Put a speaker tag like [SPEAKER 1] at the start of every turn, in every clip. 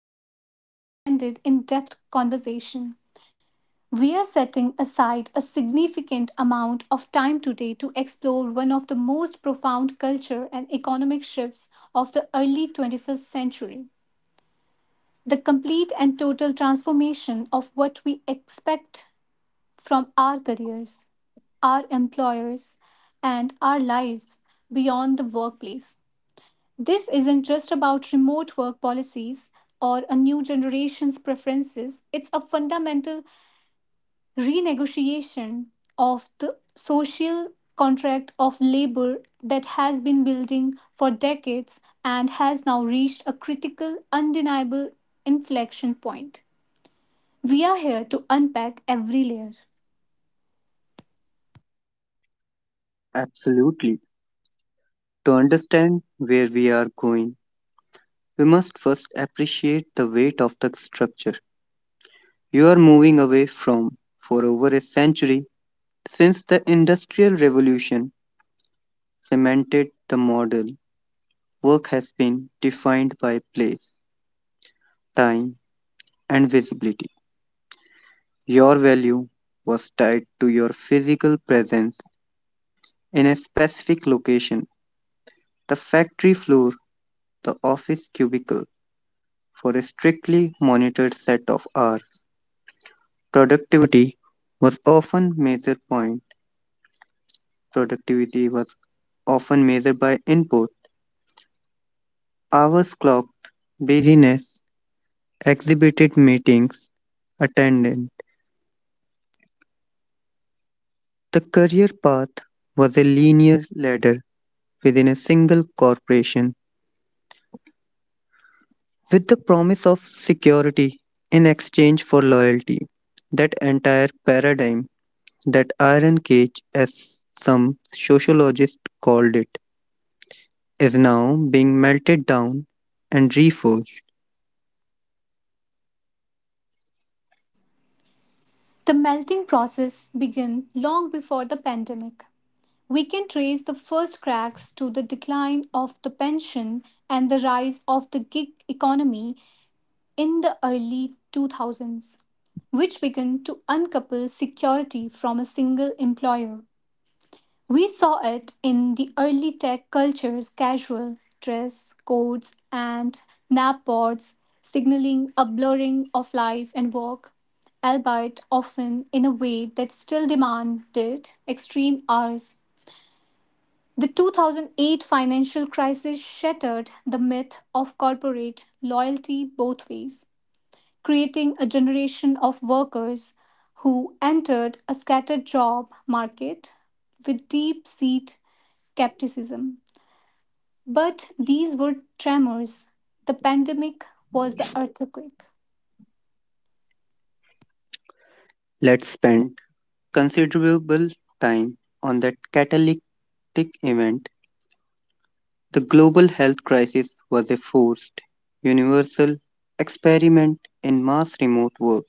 [SPEAKER 1] us for this extended, in depth conversation. We are setting aside a significant amount of time today to explore one of the most profound culture and economic shifts of the early 21st century, the complete and total transformation of what we expect from our careers, our employers, and our lives beyond the workplace. This isn't just about remote work policies or a new generation's preferences, it's a fundamental renegotiation of the social contract of labor that has been building for decades and has now reached a critical, undeniable inflection point. We are here to unpack every layer.
[SPEAKER 2] Absolutely. To understand where we are going, we must first appreciate the weight of the structure you are moving away from. For over a century, since the Industrial Revolution cemented the model, work has been defined by place, time, and visibility. Your value was tied to your physical presence in a specific location the factory floor, the office cubicle for a strictly monitored set of hours. Productivity was often measured point productivity was often measured by input, hours clocked, busyness, exhibited meetings, attended. The career path was a linear ladder within a single corporation with the promise of security in exchange for loyalty. That entire paradigm, that iron cage as some sociologists called it, is now being melted down and reforged.
[SPEAKER 1] The melting process began long before the pandemic. We can trace the first cracks to the decline of the pension and the rise of the gig economy in the early 2000s, which began to uncouple security from a single employer. We saw it in the early tech culture's casual dress codes and nap pods, signaling a blurring of life and work, albeit often in a way that still demanded extreme hours. The 2008 financial crisis shattered the myth of corporate loyalty both ways, creating a generation of workers who entered a scattered job market with deep seated skepticism. But these were tremors. The pandemic was the earthquake.
[SPEAKER 2] Let's spend considerable time on that catalytic event. The global health crisis was a forced, universal experiment in mass remote work,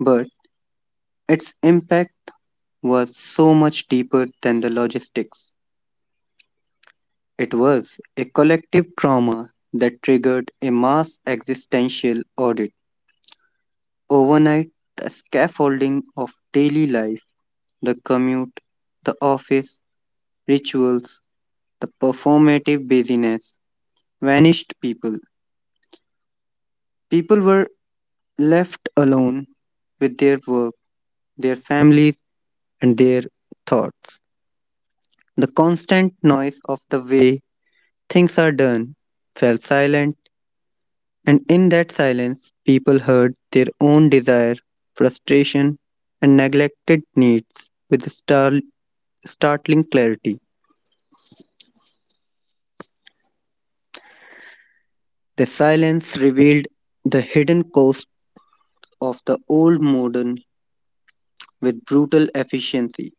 [SPEAKER 2] but its impact was so much deeper than the logistics. It was a collective trauma that triggered a mass existential audit. Overnight, the scaffolding of daily life the commute, the office, rituals, the performative busyness, vanished People were left alone with their work, their families, and their thoughts. The constant noise of the way things are done fell silent, and in that silence, people heard their own desire, frustration, and neglected needs with startling clarity. The silence revealed the hidden cost of the old modern with brutal efficiency.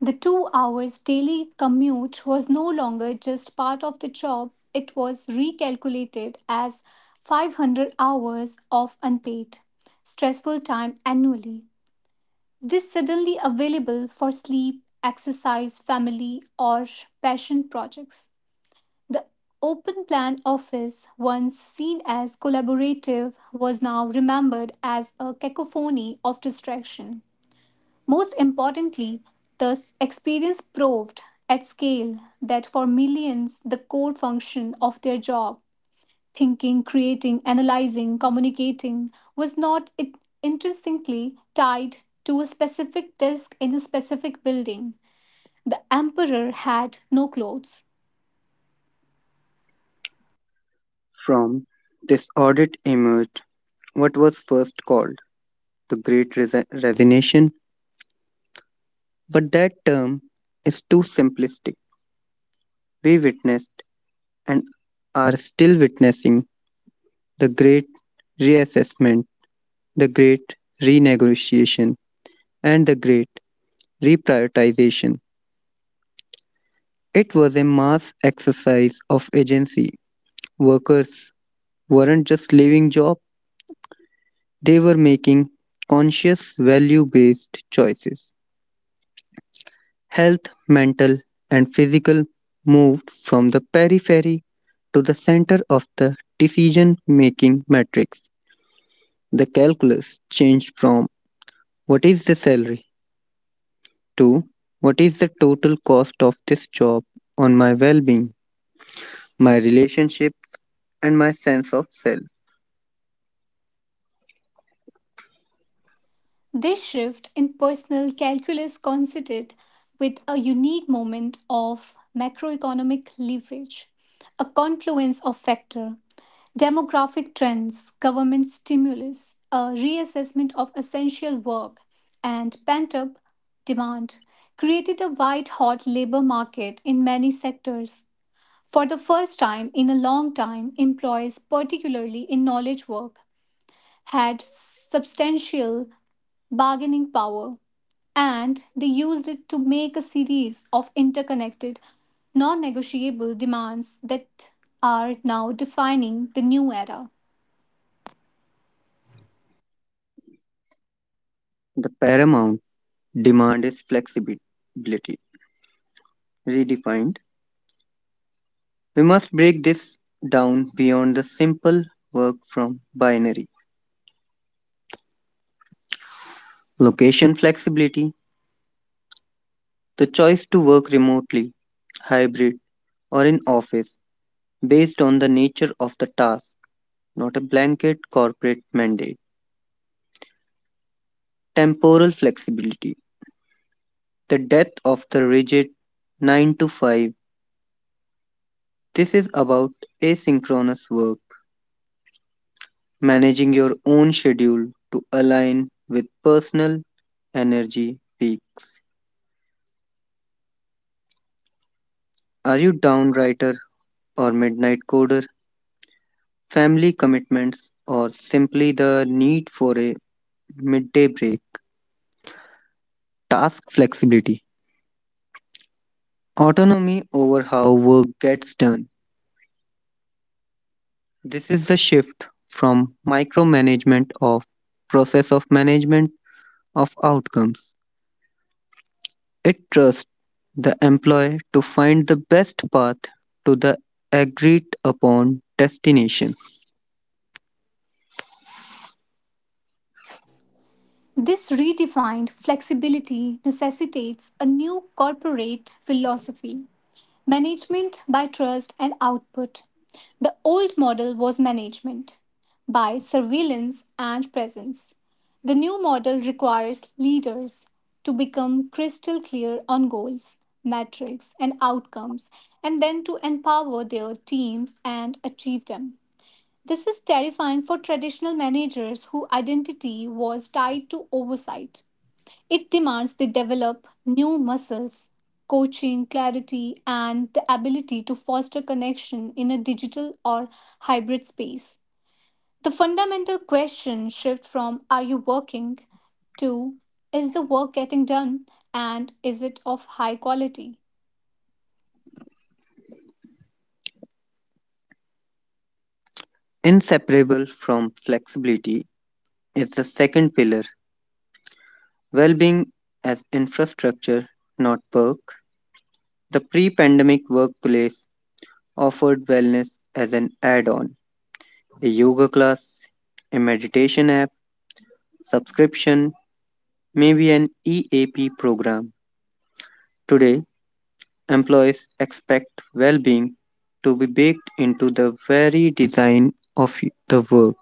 [SPEAKER 1] The 2 hours daily commute was no longer just part of the job, it was recalculated as 500 hours of unpaid, stressful time annually. This suddenly available for sleep, exercise, family, or passion projects. The open plan office, once seen as collaborative, was now remembered as a cacophony of distraction. Most importantly, this experience proved at scale that for millions, the core function of their job, thinking, creating, analyzing, communicating, was not intrinsically tied to a specific desk in a specific building. The emperor had no clothes.
[SPEAKER 2] From this audit emerged what was first called the Great Resignation, but that term is too simplistic. We witnessed and are still witnessing the Great Reassessment, the Great Renegotiation, and the Great Reprioritization. It was a mass exercise of agency. Workers weren't just leaving jobs. They were making conscious value based choices. Health, mental, and physical moved from the periphery to the center of the decision making matrix. The calculus changed from what is the salary to what is the total cost of this job on my well being, my relationship, and my sense of self.
[SPEAKER 1] This shift in personal calculus coincided with a unique moment of macroeconomic leverage, a confluence of factors: demographic trends, government stimulus, a reassessment of essential work, and pent up demand created a white hot labor market in many sectors. For the first time in a long time, employees, particularly in knowledge work, had substantial bargaining power and they used it to make a series of interconnected, non negotiable demands that are now defining the new era.
[SPEAKER 2] The paramount demand is flexibility, redefined. We must break this down beyond the simple work from binary. Location flexibility, the choice to work remotely, hybrid, or in office based on the nature of the task, not a blanket corporate mandate. Temporal flexibility, the death of the rigid 9 to 5. This is about asynchronous work, managing your own schedule to align with personal energy peaks. Are you downright or midnight coder, family commitments, or simply the need for a midday break. Task flexibility, autonomy over how work gets done. This is the shift from micromanagement of process of management of outcomes. It trusts the employee to find the best path to the agreed upon destination.
[SPEAKER 1] This redefined flexibility necessitates a new corporate philosophy: management by trust and output. The old model was management by surveillance and presence. The new model requires leaders to become crystal clear on goals, metrics, and outcomes, and then to empower their teams and achieve them. This is terrifying for traditional managers whose identity was tied to oversight. It demands they develop new muscles: coaching, clarity, and the ability to foster connection in a digital or hybrid space. The fundamental question shifts from "are you working" to "is the work getting done and is it of high quality?"
[SPEAKER 2] Inseparable from flexibility is the second pillar well-being as infrastructure, not perk. The pre-pandemic workplace offered wellness as an add-on, a yoga class, a meditation app, subscription, maybe an EAP program. Today, employees expect well-being to be baked into the very design of the work.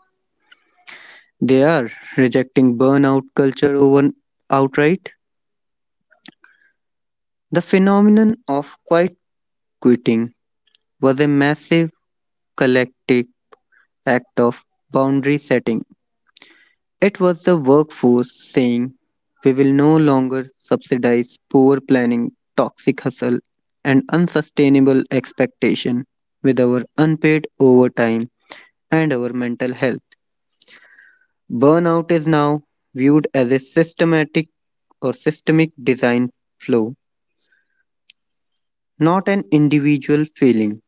[SPEAKER 2] They are rejecting burnout culture over outright. The phenomenon of quiet quitting was a massive collective act of boundary setting. It was the workforce saying, we will no longer subsidize poor planning, toxic hustle, and unsustainable expectation with our unpaid overtime and our mental health. Burnout is now viewed as a systematic or systemic design flow, not an individual feeling.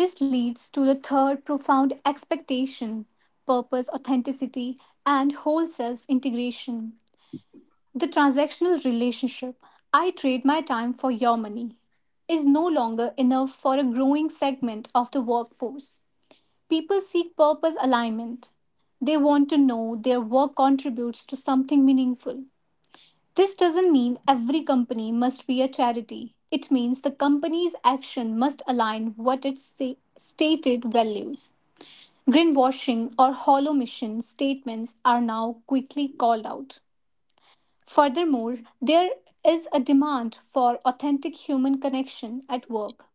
[SPEAKER 1] This leads to the third profound expectation: purpose, authenticity, and whole self integration. The transactional relationship, I trade my time for your money, is no longer enough for a growing segment of the workforce. People seek purpose alignment. They want to know their work contributes to something meaningful. This doesn't mean every company must be a charity. It means the company's action must align what its stated values. Greenwashing or hollow mission statements are now quickly called out. Furthermore, there is a demand for authentic human connection at work.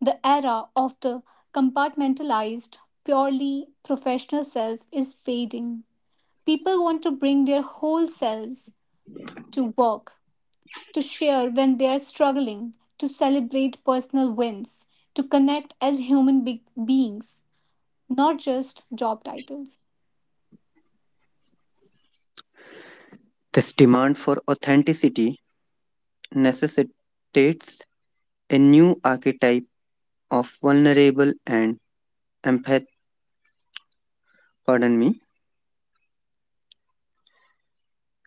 [SPEAKER 1] The era of the compartmentalized, purely professional self is fading. People want to bring their whole selves to work, to share when they are struggling, to celebrate personal wins, to connect as human beings, not just job titles.
[SPEAKER 2] This demand for authenticity necessitates a new archetype of vulnerable and empath, pardon me,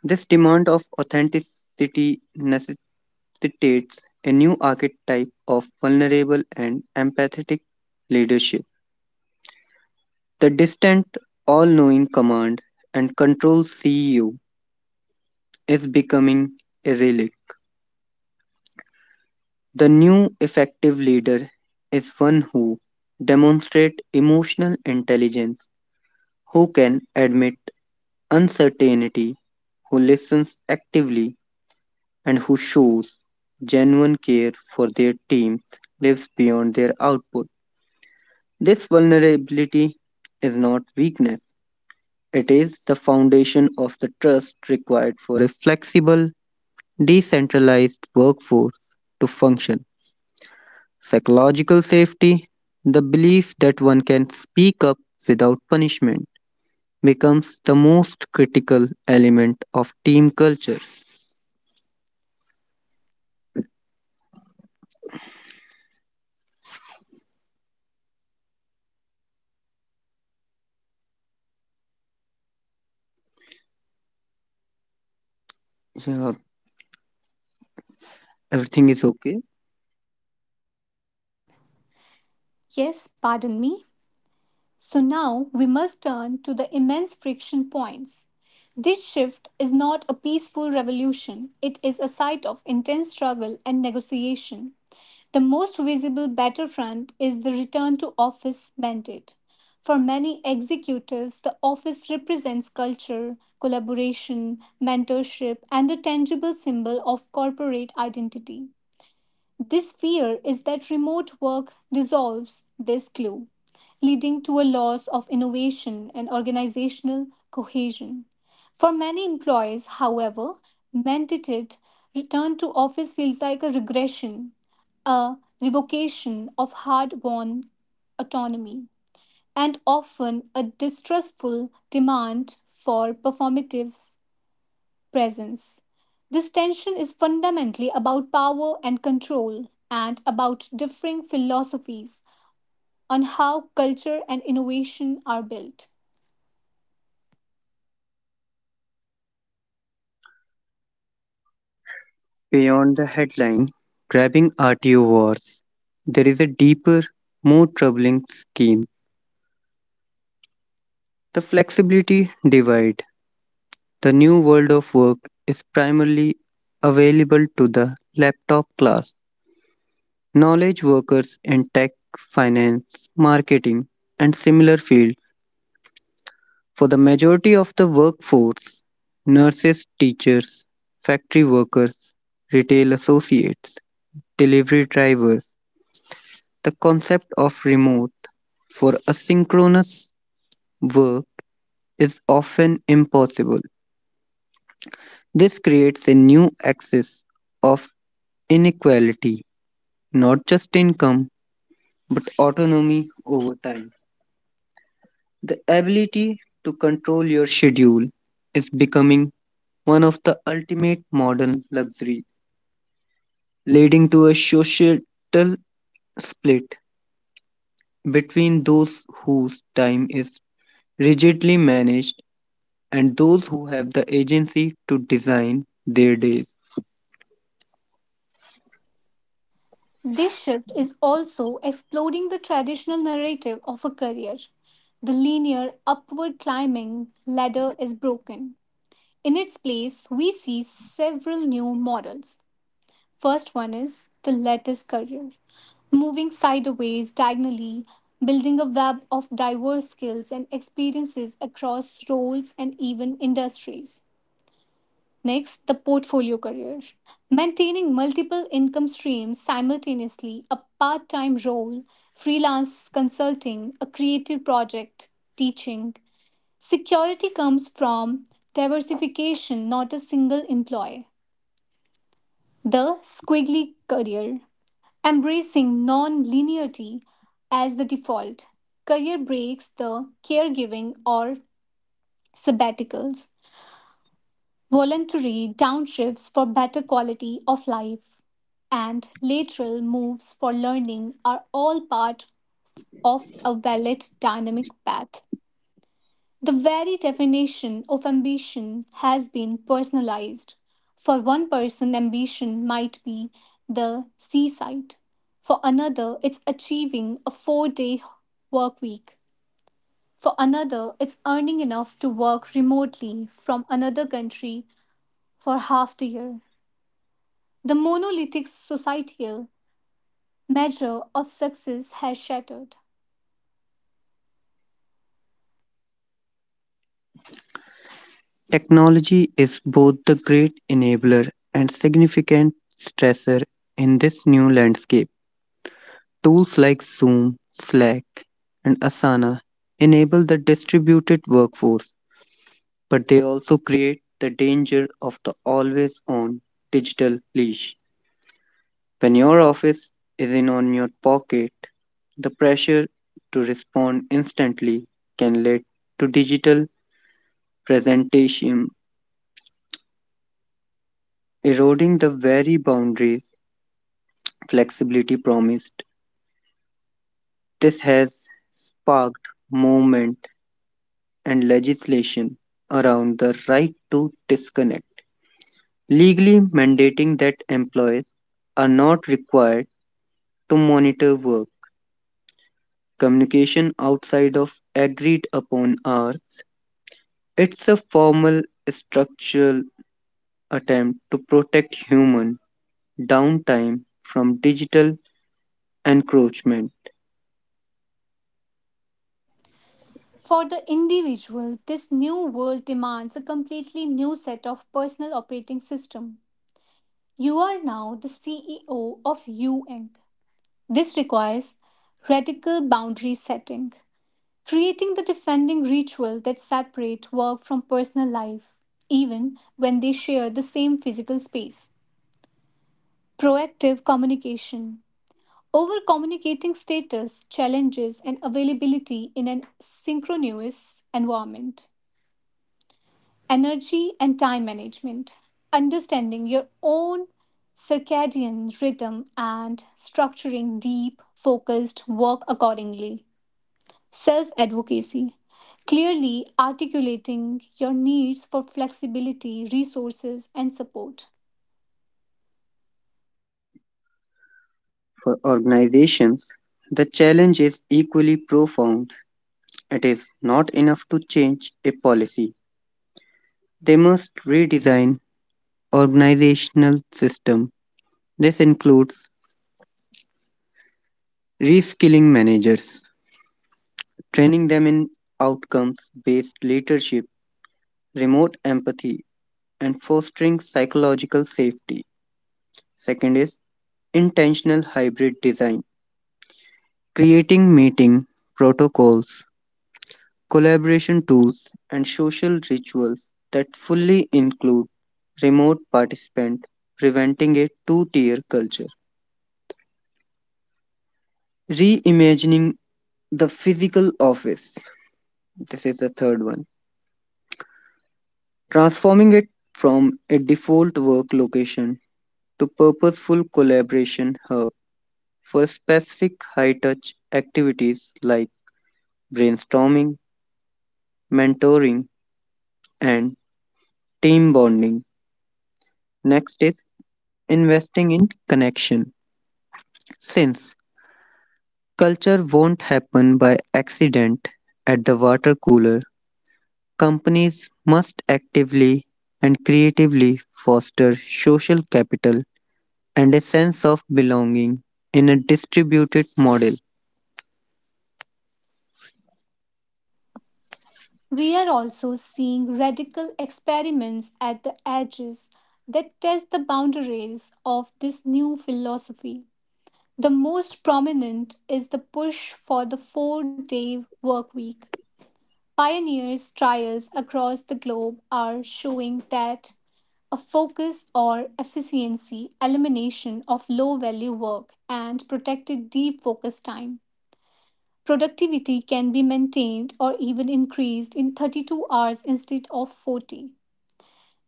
[SPEAKER 2] this demand of authenticity necessitates a new archetype of vulnerable and empathetic leadership. The distant, all knowing command and control CEO is becoming a relic. The new effective leader is one who demonstrates emotional intelligence, who can admit uncertainty, who listens actively, and who shows genuine care for their team lives beyond their output. This vulnerability is not weakness, it is the foundation of the trust required for a flexible, decentralized workforce to function. Psychological safety, the belief that one can speak up without punishment, becomes the most critical element of team culture. Yeah, everything is okay.
[SPEAKER 1] Yes, pardon me. So now we must turn to the immense friction points. This shift is not a peaceful revolution, it is a site of intense struggle and negotiation. The most visible battlefront is the return to office mandate. For many executives, the office represents culture, collaboration, mentorship, and a tangible symbol of corporate identity. This fear is that remote work dissolves this glue, leading to a loss of innovation and organizational cohesion. For many employees, however, mandated return to office feels like a regression, a revocation of hard won autonomy, and often a distrustful demand for performative presence. This tension is fundamentally about power and control and about differing philosophies on how culture and innovation are built.
[SPEAKER 2] Beyond the headline, grabbing RTO wars, there is a deeper, more troubling scheme. The flexibility divide. The new world of work is primarily available to the laptop class. Knowledge workers in tech, finance, marketing, and similar fields. For the majority of the workforce, nurses, teachers, factory workers, retail associates, delivery drivers, the concept of remote for asynchronous work is often impossible. This creates a new axis of inequality, not just income, but autonomy over time. The ability to control your schedule is becoming one of the ultimate modern luxuries, leading to a societal split between those whose time is rigidly managed and those who have the agency to design their days.
[SPEAKER 1] This shift is also exploding the traditional narrative of a career. The linear upward climbing ladder is broken. In its place, we see several new models. First one is the lettuce career: moving sideways, diagonally, building a web of diverse skills and experiences across roles and even industries. Next, the portfolio career: maintaining multiple income streams simultaneously, a part time role, freelance consulting, a creative project, teaching. Security comes from diversification, not a single employee. The squiggly career: embracing non linearity as the default, career breaks, the caregiving or sabbaticals, voluntary downshifts for better quality of life, and lateral moves for learning are all part of a valid dynamic path. The very definition of ambition has been personalized. For one person, ambition might be the seaside. For another, it's achieving a 4-day work week. For another, it's earning enough to work remotely from another country for half the year. The monolithic societal measure of success has shattered.
[SPEAKER 2] Technology is both the great enabler and significant stressor in this new landscape. Tools like Zoom, Slack, and Asana enable the distributed workforce, but they also create the danger of the always on digital leash. When your office is in on your pocket, the pressure to respond instantly can lead to digital presentation, eroding the very boundaries flexibility promised. This has sparked movement and legislation around the right to disconnect, legally mandating that employees are not required to monitor work communication outside of agreed upon hours. It's a formal structural attempt to protect human downtime from digital encroachment.
[SPEAKER 1] For the individual, this new world demands a completely new set of personal operating system. You are now the CEO of U Inc. This requires radical boundary setting, creating the defending ritual that separate work from personal life, even when they share the same physical space. Proactive communication. Over communicating status, challenges, and availability in a synchronous environment. Energy and time management, understanding your own circadian rhythm, and structuring deep, focused work accordingly. Self advocacy, clearly articulating your needs for flexibility, resources, and support.
[SPEAKER 2] For organizations, the challenge is equally profound. It is not enough to change a policy. They must redesign organizational system. This includes reskilling managers, training them in outcomes-based leadership, remote empathy, and fostering psychological safety. Second is intentional hybrid design, creating meeting protocols collaboration tools, and social rituals that fully include remote participant, preventing a two-tier culture. Reimagining the physical office. This is the third one. Transforming it from a default work location to purposeful collaboration hub for specific high-touch activities like brainstorming, mentoring, and team bonding. Next is investing in connection. Since Culture won't happen by accident at the water cooler. Companies must actively and creatively foster social capital and a sense of belonging in a distributed model.
[SPEAKER 1] We are also seeing radical experiments at the edges that test the boundaries of this new philosophy. The most prominent is the push for the 4-day work week. Pioneers' trials across the globe are showing that a focus or efficiency elimination of low value work and protected deep focus time, productivity can be maintained or even increased in 32 hours instead of 40.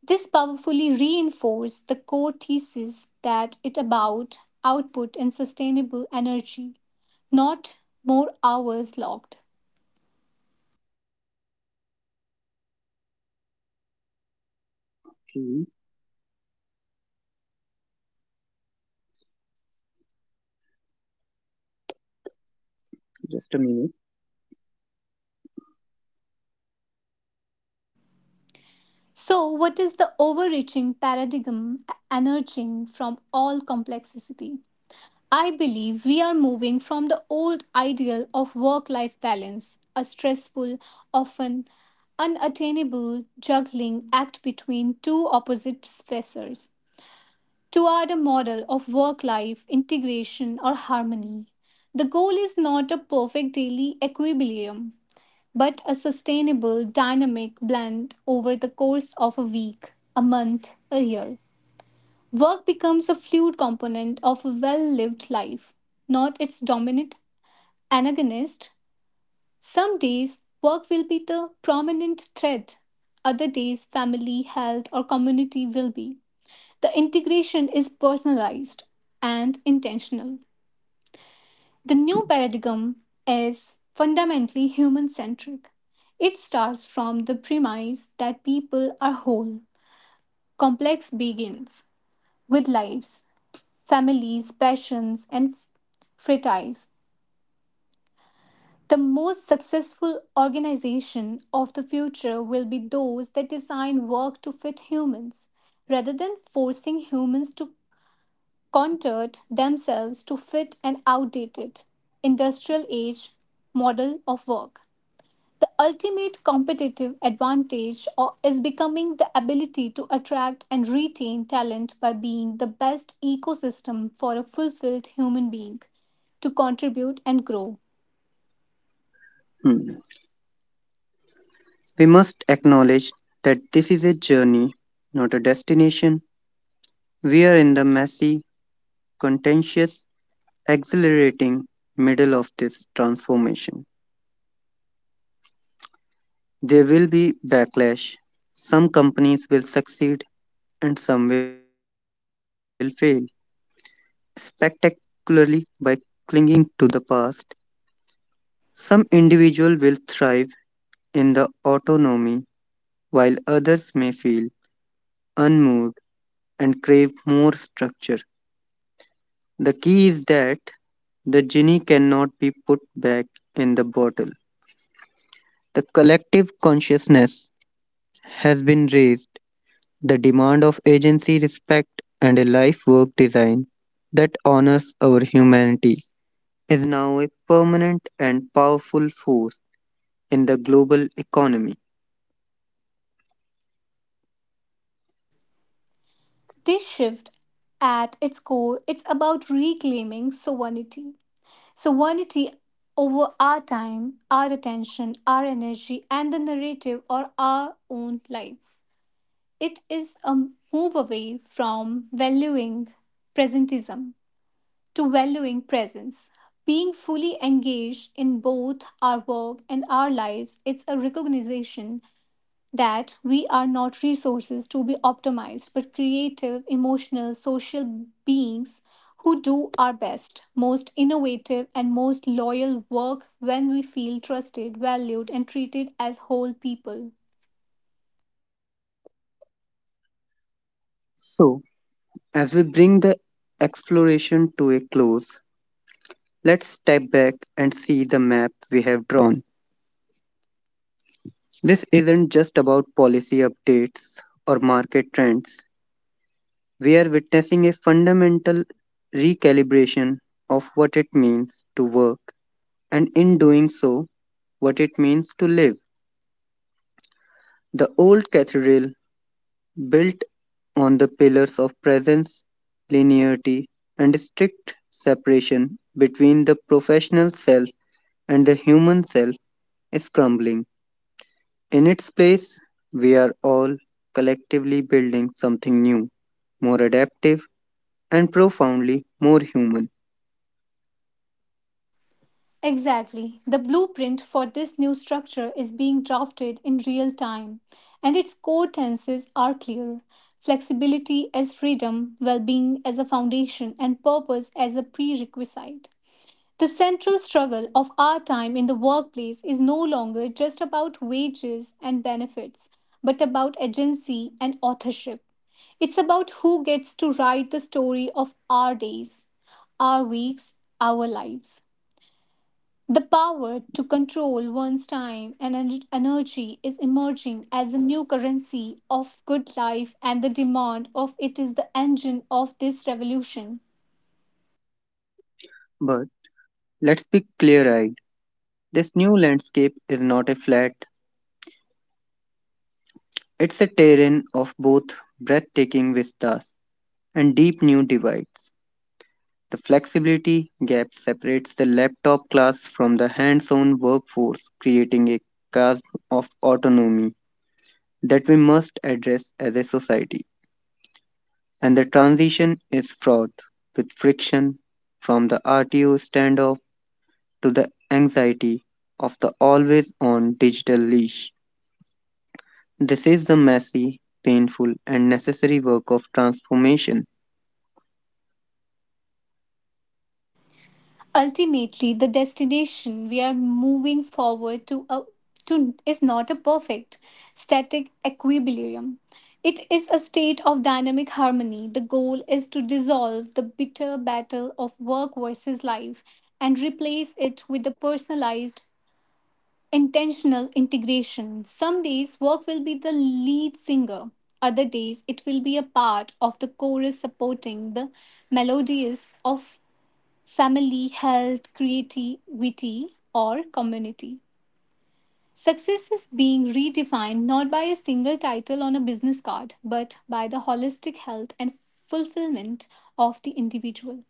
[SPEAKER 1] This powerfully reinforces the core thesis that it about output and sustainable energy, not more hours logged.
[SPEAKER 2] Hmm, just a minute.
[SPEAKER 1] So, what is the overreaching paradigm emerging from all complexity? I believe we are moving from the old ideal of work life balance, a stressful, often unattainable juggling act between two opposite spheres, toward a model of work life integration or harmony. The goal is not a perfect daily equilibrium, but a sustainable, dynamic blend over the course of a week, a month, a year. Work becomes a fluid component of a well lived life, not its dominant antagonist. Some days, work will be the prominent thread; other days, family, health, or community will be. The integration is personalized and intentional. The new paradigm is fundamentally human centric. It starts from the premise that people are whole. Complex begins with lives, families, passions, and fraternities. The most successful organization of the future will be those that design work to fit humans rather than forcing humans to contort themselves to fit an outdated industrial age model of work. The ultimate competitive advantage is becoming the ability to attract and retain talent by being the best ecosystem for a fulfilled human being to contribute and grow.
[SPEAKER 2] Hmm. We must acknowledge that this is a journey, not a destination. We are in the messy, contentious, exhilarating middle of this transformation. There will be backlash. Some companies will succeed and some will fail spectacularly by clinging to the past. Some individuals will thrive in the autonomy while others may feel unmoved and crave more structure. The key is that the genie cannot be put back in the bottle. The collective consciousness has been raised the demand of agency, respect, and a life work design that honors our humanity is now a permanent and powerful force in the global economy.
[SPEAKER 1] This shift, at its core, it's about reclaiming sovereignty. Sovereignty over our time, our attention, our energy and the narrative or our own life. It is a move away from valuing presentism to valuing presence, being fully engaged in both our work and our lives. It's a recognition that we are not resources to be optimized, but creative, emotional, social beings who do our best, most innovative, and most loyal work when we feel trusted, valued, and treated as whole people.
[SPEAKER 2] So, as we bring the exploration to a close, let's step back and see the map we have drawn. This isn't just about policy updates or market trends. We are witnessing a fundamental recalibration of what it means to work and in doing so, what it means to live. The old cathedral, built on the pillars of presence, linearity, and strict separation between the professional self and the human self, is crumbling. In its place, we are all collectively building something new, more adaptive, and profoundly more human.
[SPEAKER 1] Exactly. The blueprint for this new structure is being drafted in real time, and its core tenses are clear: flexibility as freedom, well being as a foundation, and purpose as a prerequisite. The central struggle of our time in the workplace is no longer just about wages and benefits, but about agency and authorship. It's about who gets to write the story of our days, our weeks, our lives. The power to control one's time and energy is emerging as the new currency of good life, and the demand of it is the engine of this revolution.
[SPEAKER 2] But let's be clear eyed. This new landscape is not a flat. It's a terrain of both breathtaking vistas and deep new divides. The flexibility gap separates the laptop class from the hands on workforce, creating a chasm of autonomy that we must address as a society. And the transition is fraught with friction from the RTO standoff to the anxiety of the always on digital leash. This is the messy, painful, and necessary work of transformation.
[SPEAKER 1] Ultimately, the destination we are moving forward to is not a perfect, static equilibrium. It is a state of dynamic harmony. The goal is to dissolve the bitter battle of work versus life and replace it with the personalized intentional integration. Some days work will be the lead singer, other days it will be a part of the chorus supporting the melodies of family, health, creativity, or community. Success is being redefined not by a single title on a business card, but by the holistic health and fulfillment of the individual.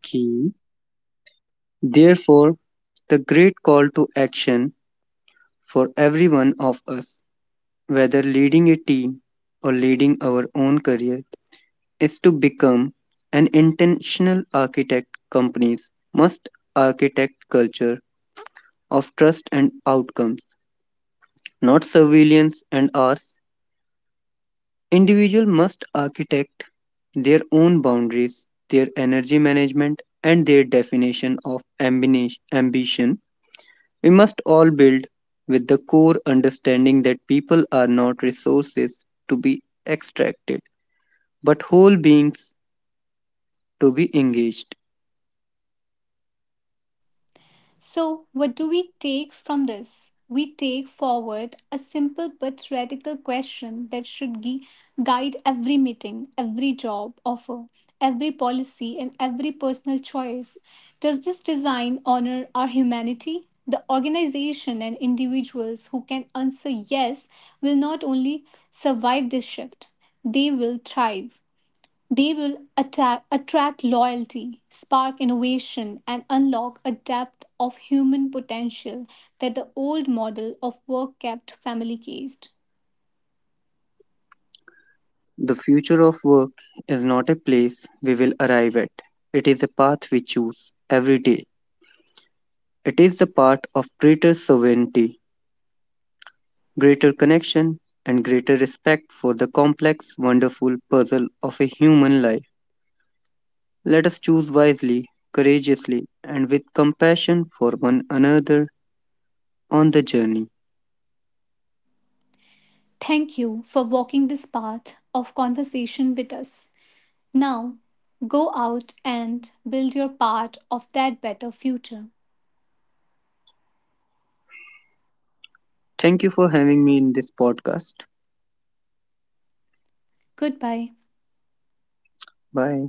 [SPEAKER 2] Key. Therefore, the great call to action for every one of us, whether leading a team or leading our own career, is to become an intentional architect. Companies must architect culture of trust and outcomes, not surveillance and hours. Individual must architect their own boundaries, their energy management, and their definition of ambition. We must all build with the core understanding that people are not resources to be extracted, but whole beings to be engaged.
[SPEAKER 1] So, what do we take from this? We take forward a simple but radical question that should guide every meeting, every job offer, every policy, and every personal choice. Does this design honor our humanity? The organization and individuals who can answer yes will not only survive this shift, they will thrive. They will attract loyalty, spark innovation, and unlock a depth of human potential that the old model of work kept family cased.
[SPEAKER 2] The future of work is not a place we will arrive at, it is a path we choose every day. It is the path of greater sovereignty, greater connection, and greater respect for the complex, wonderful puzzle of a human life. Let us choose wisely, courageously, and with compassion for one another on the journey.
[SPEAKER 1] Thank you for walking this path of conversation with us. Now, go out and build your part of that better future.
[SPEAKER 2] Thank you for having me in this podcast.
[SPEAKER 1] Goodbye.
[SPEAKER 2] Bye.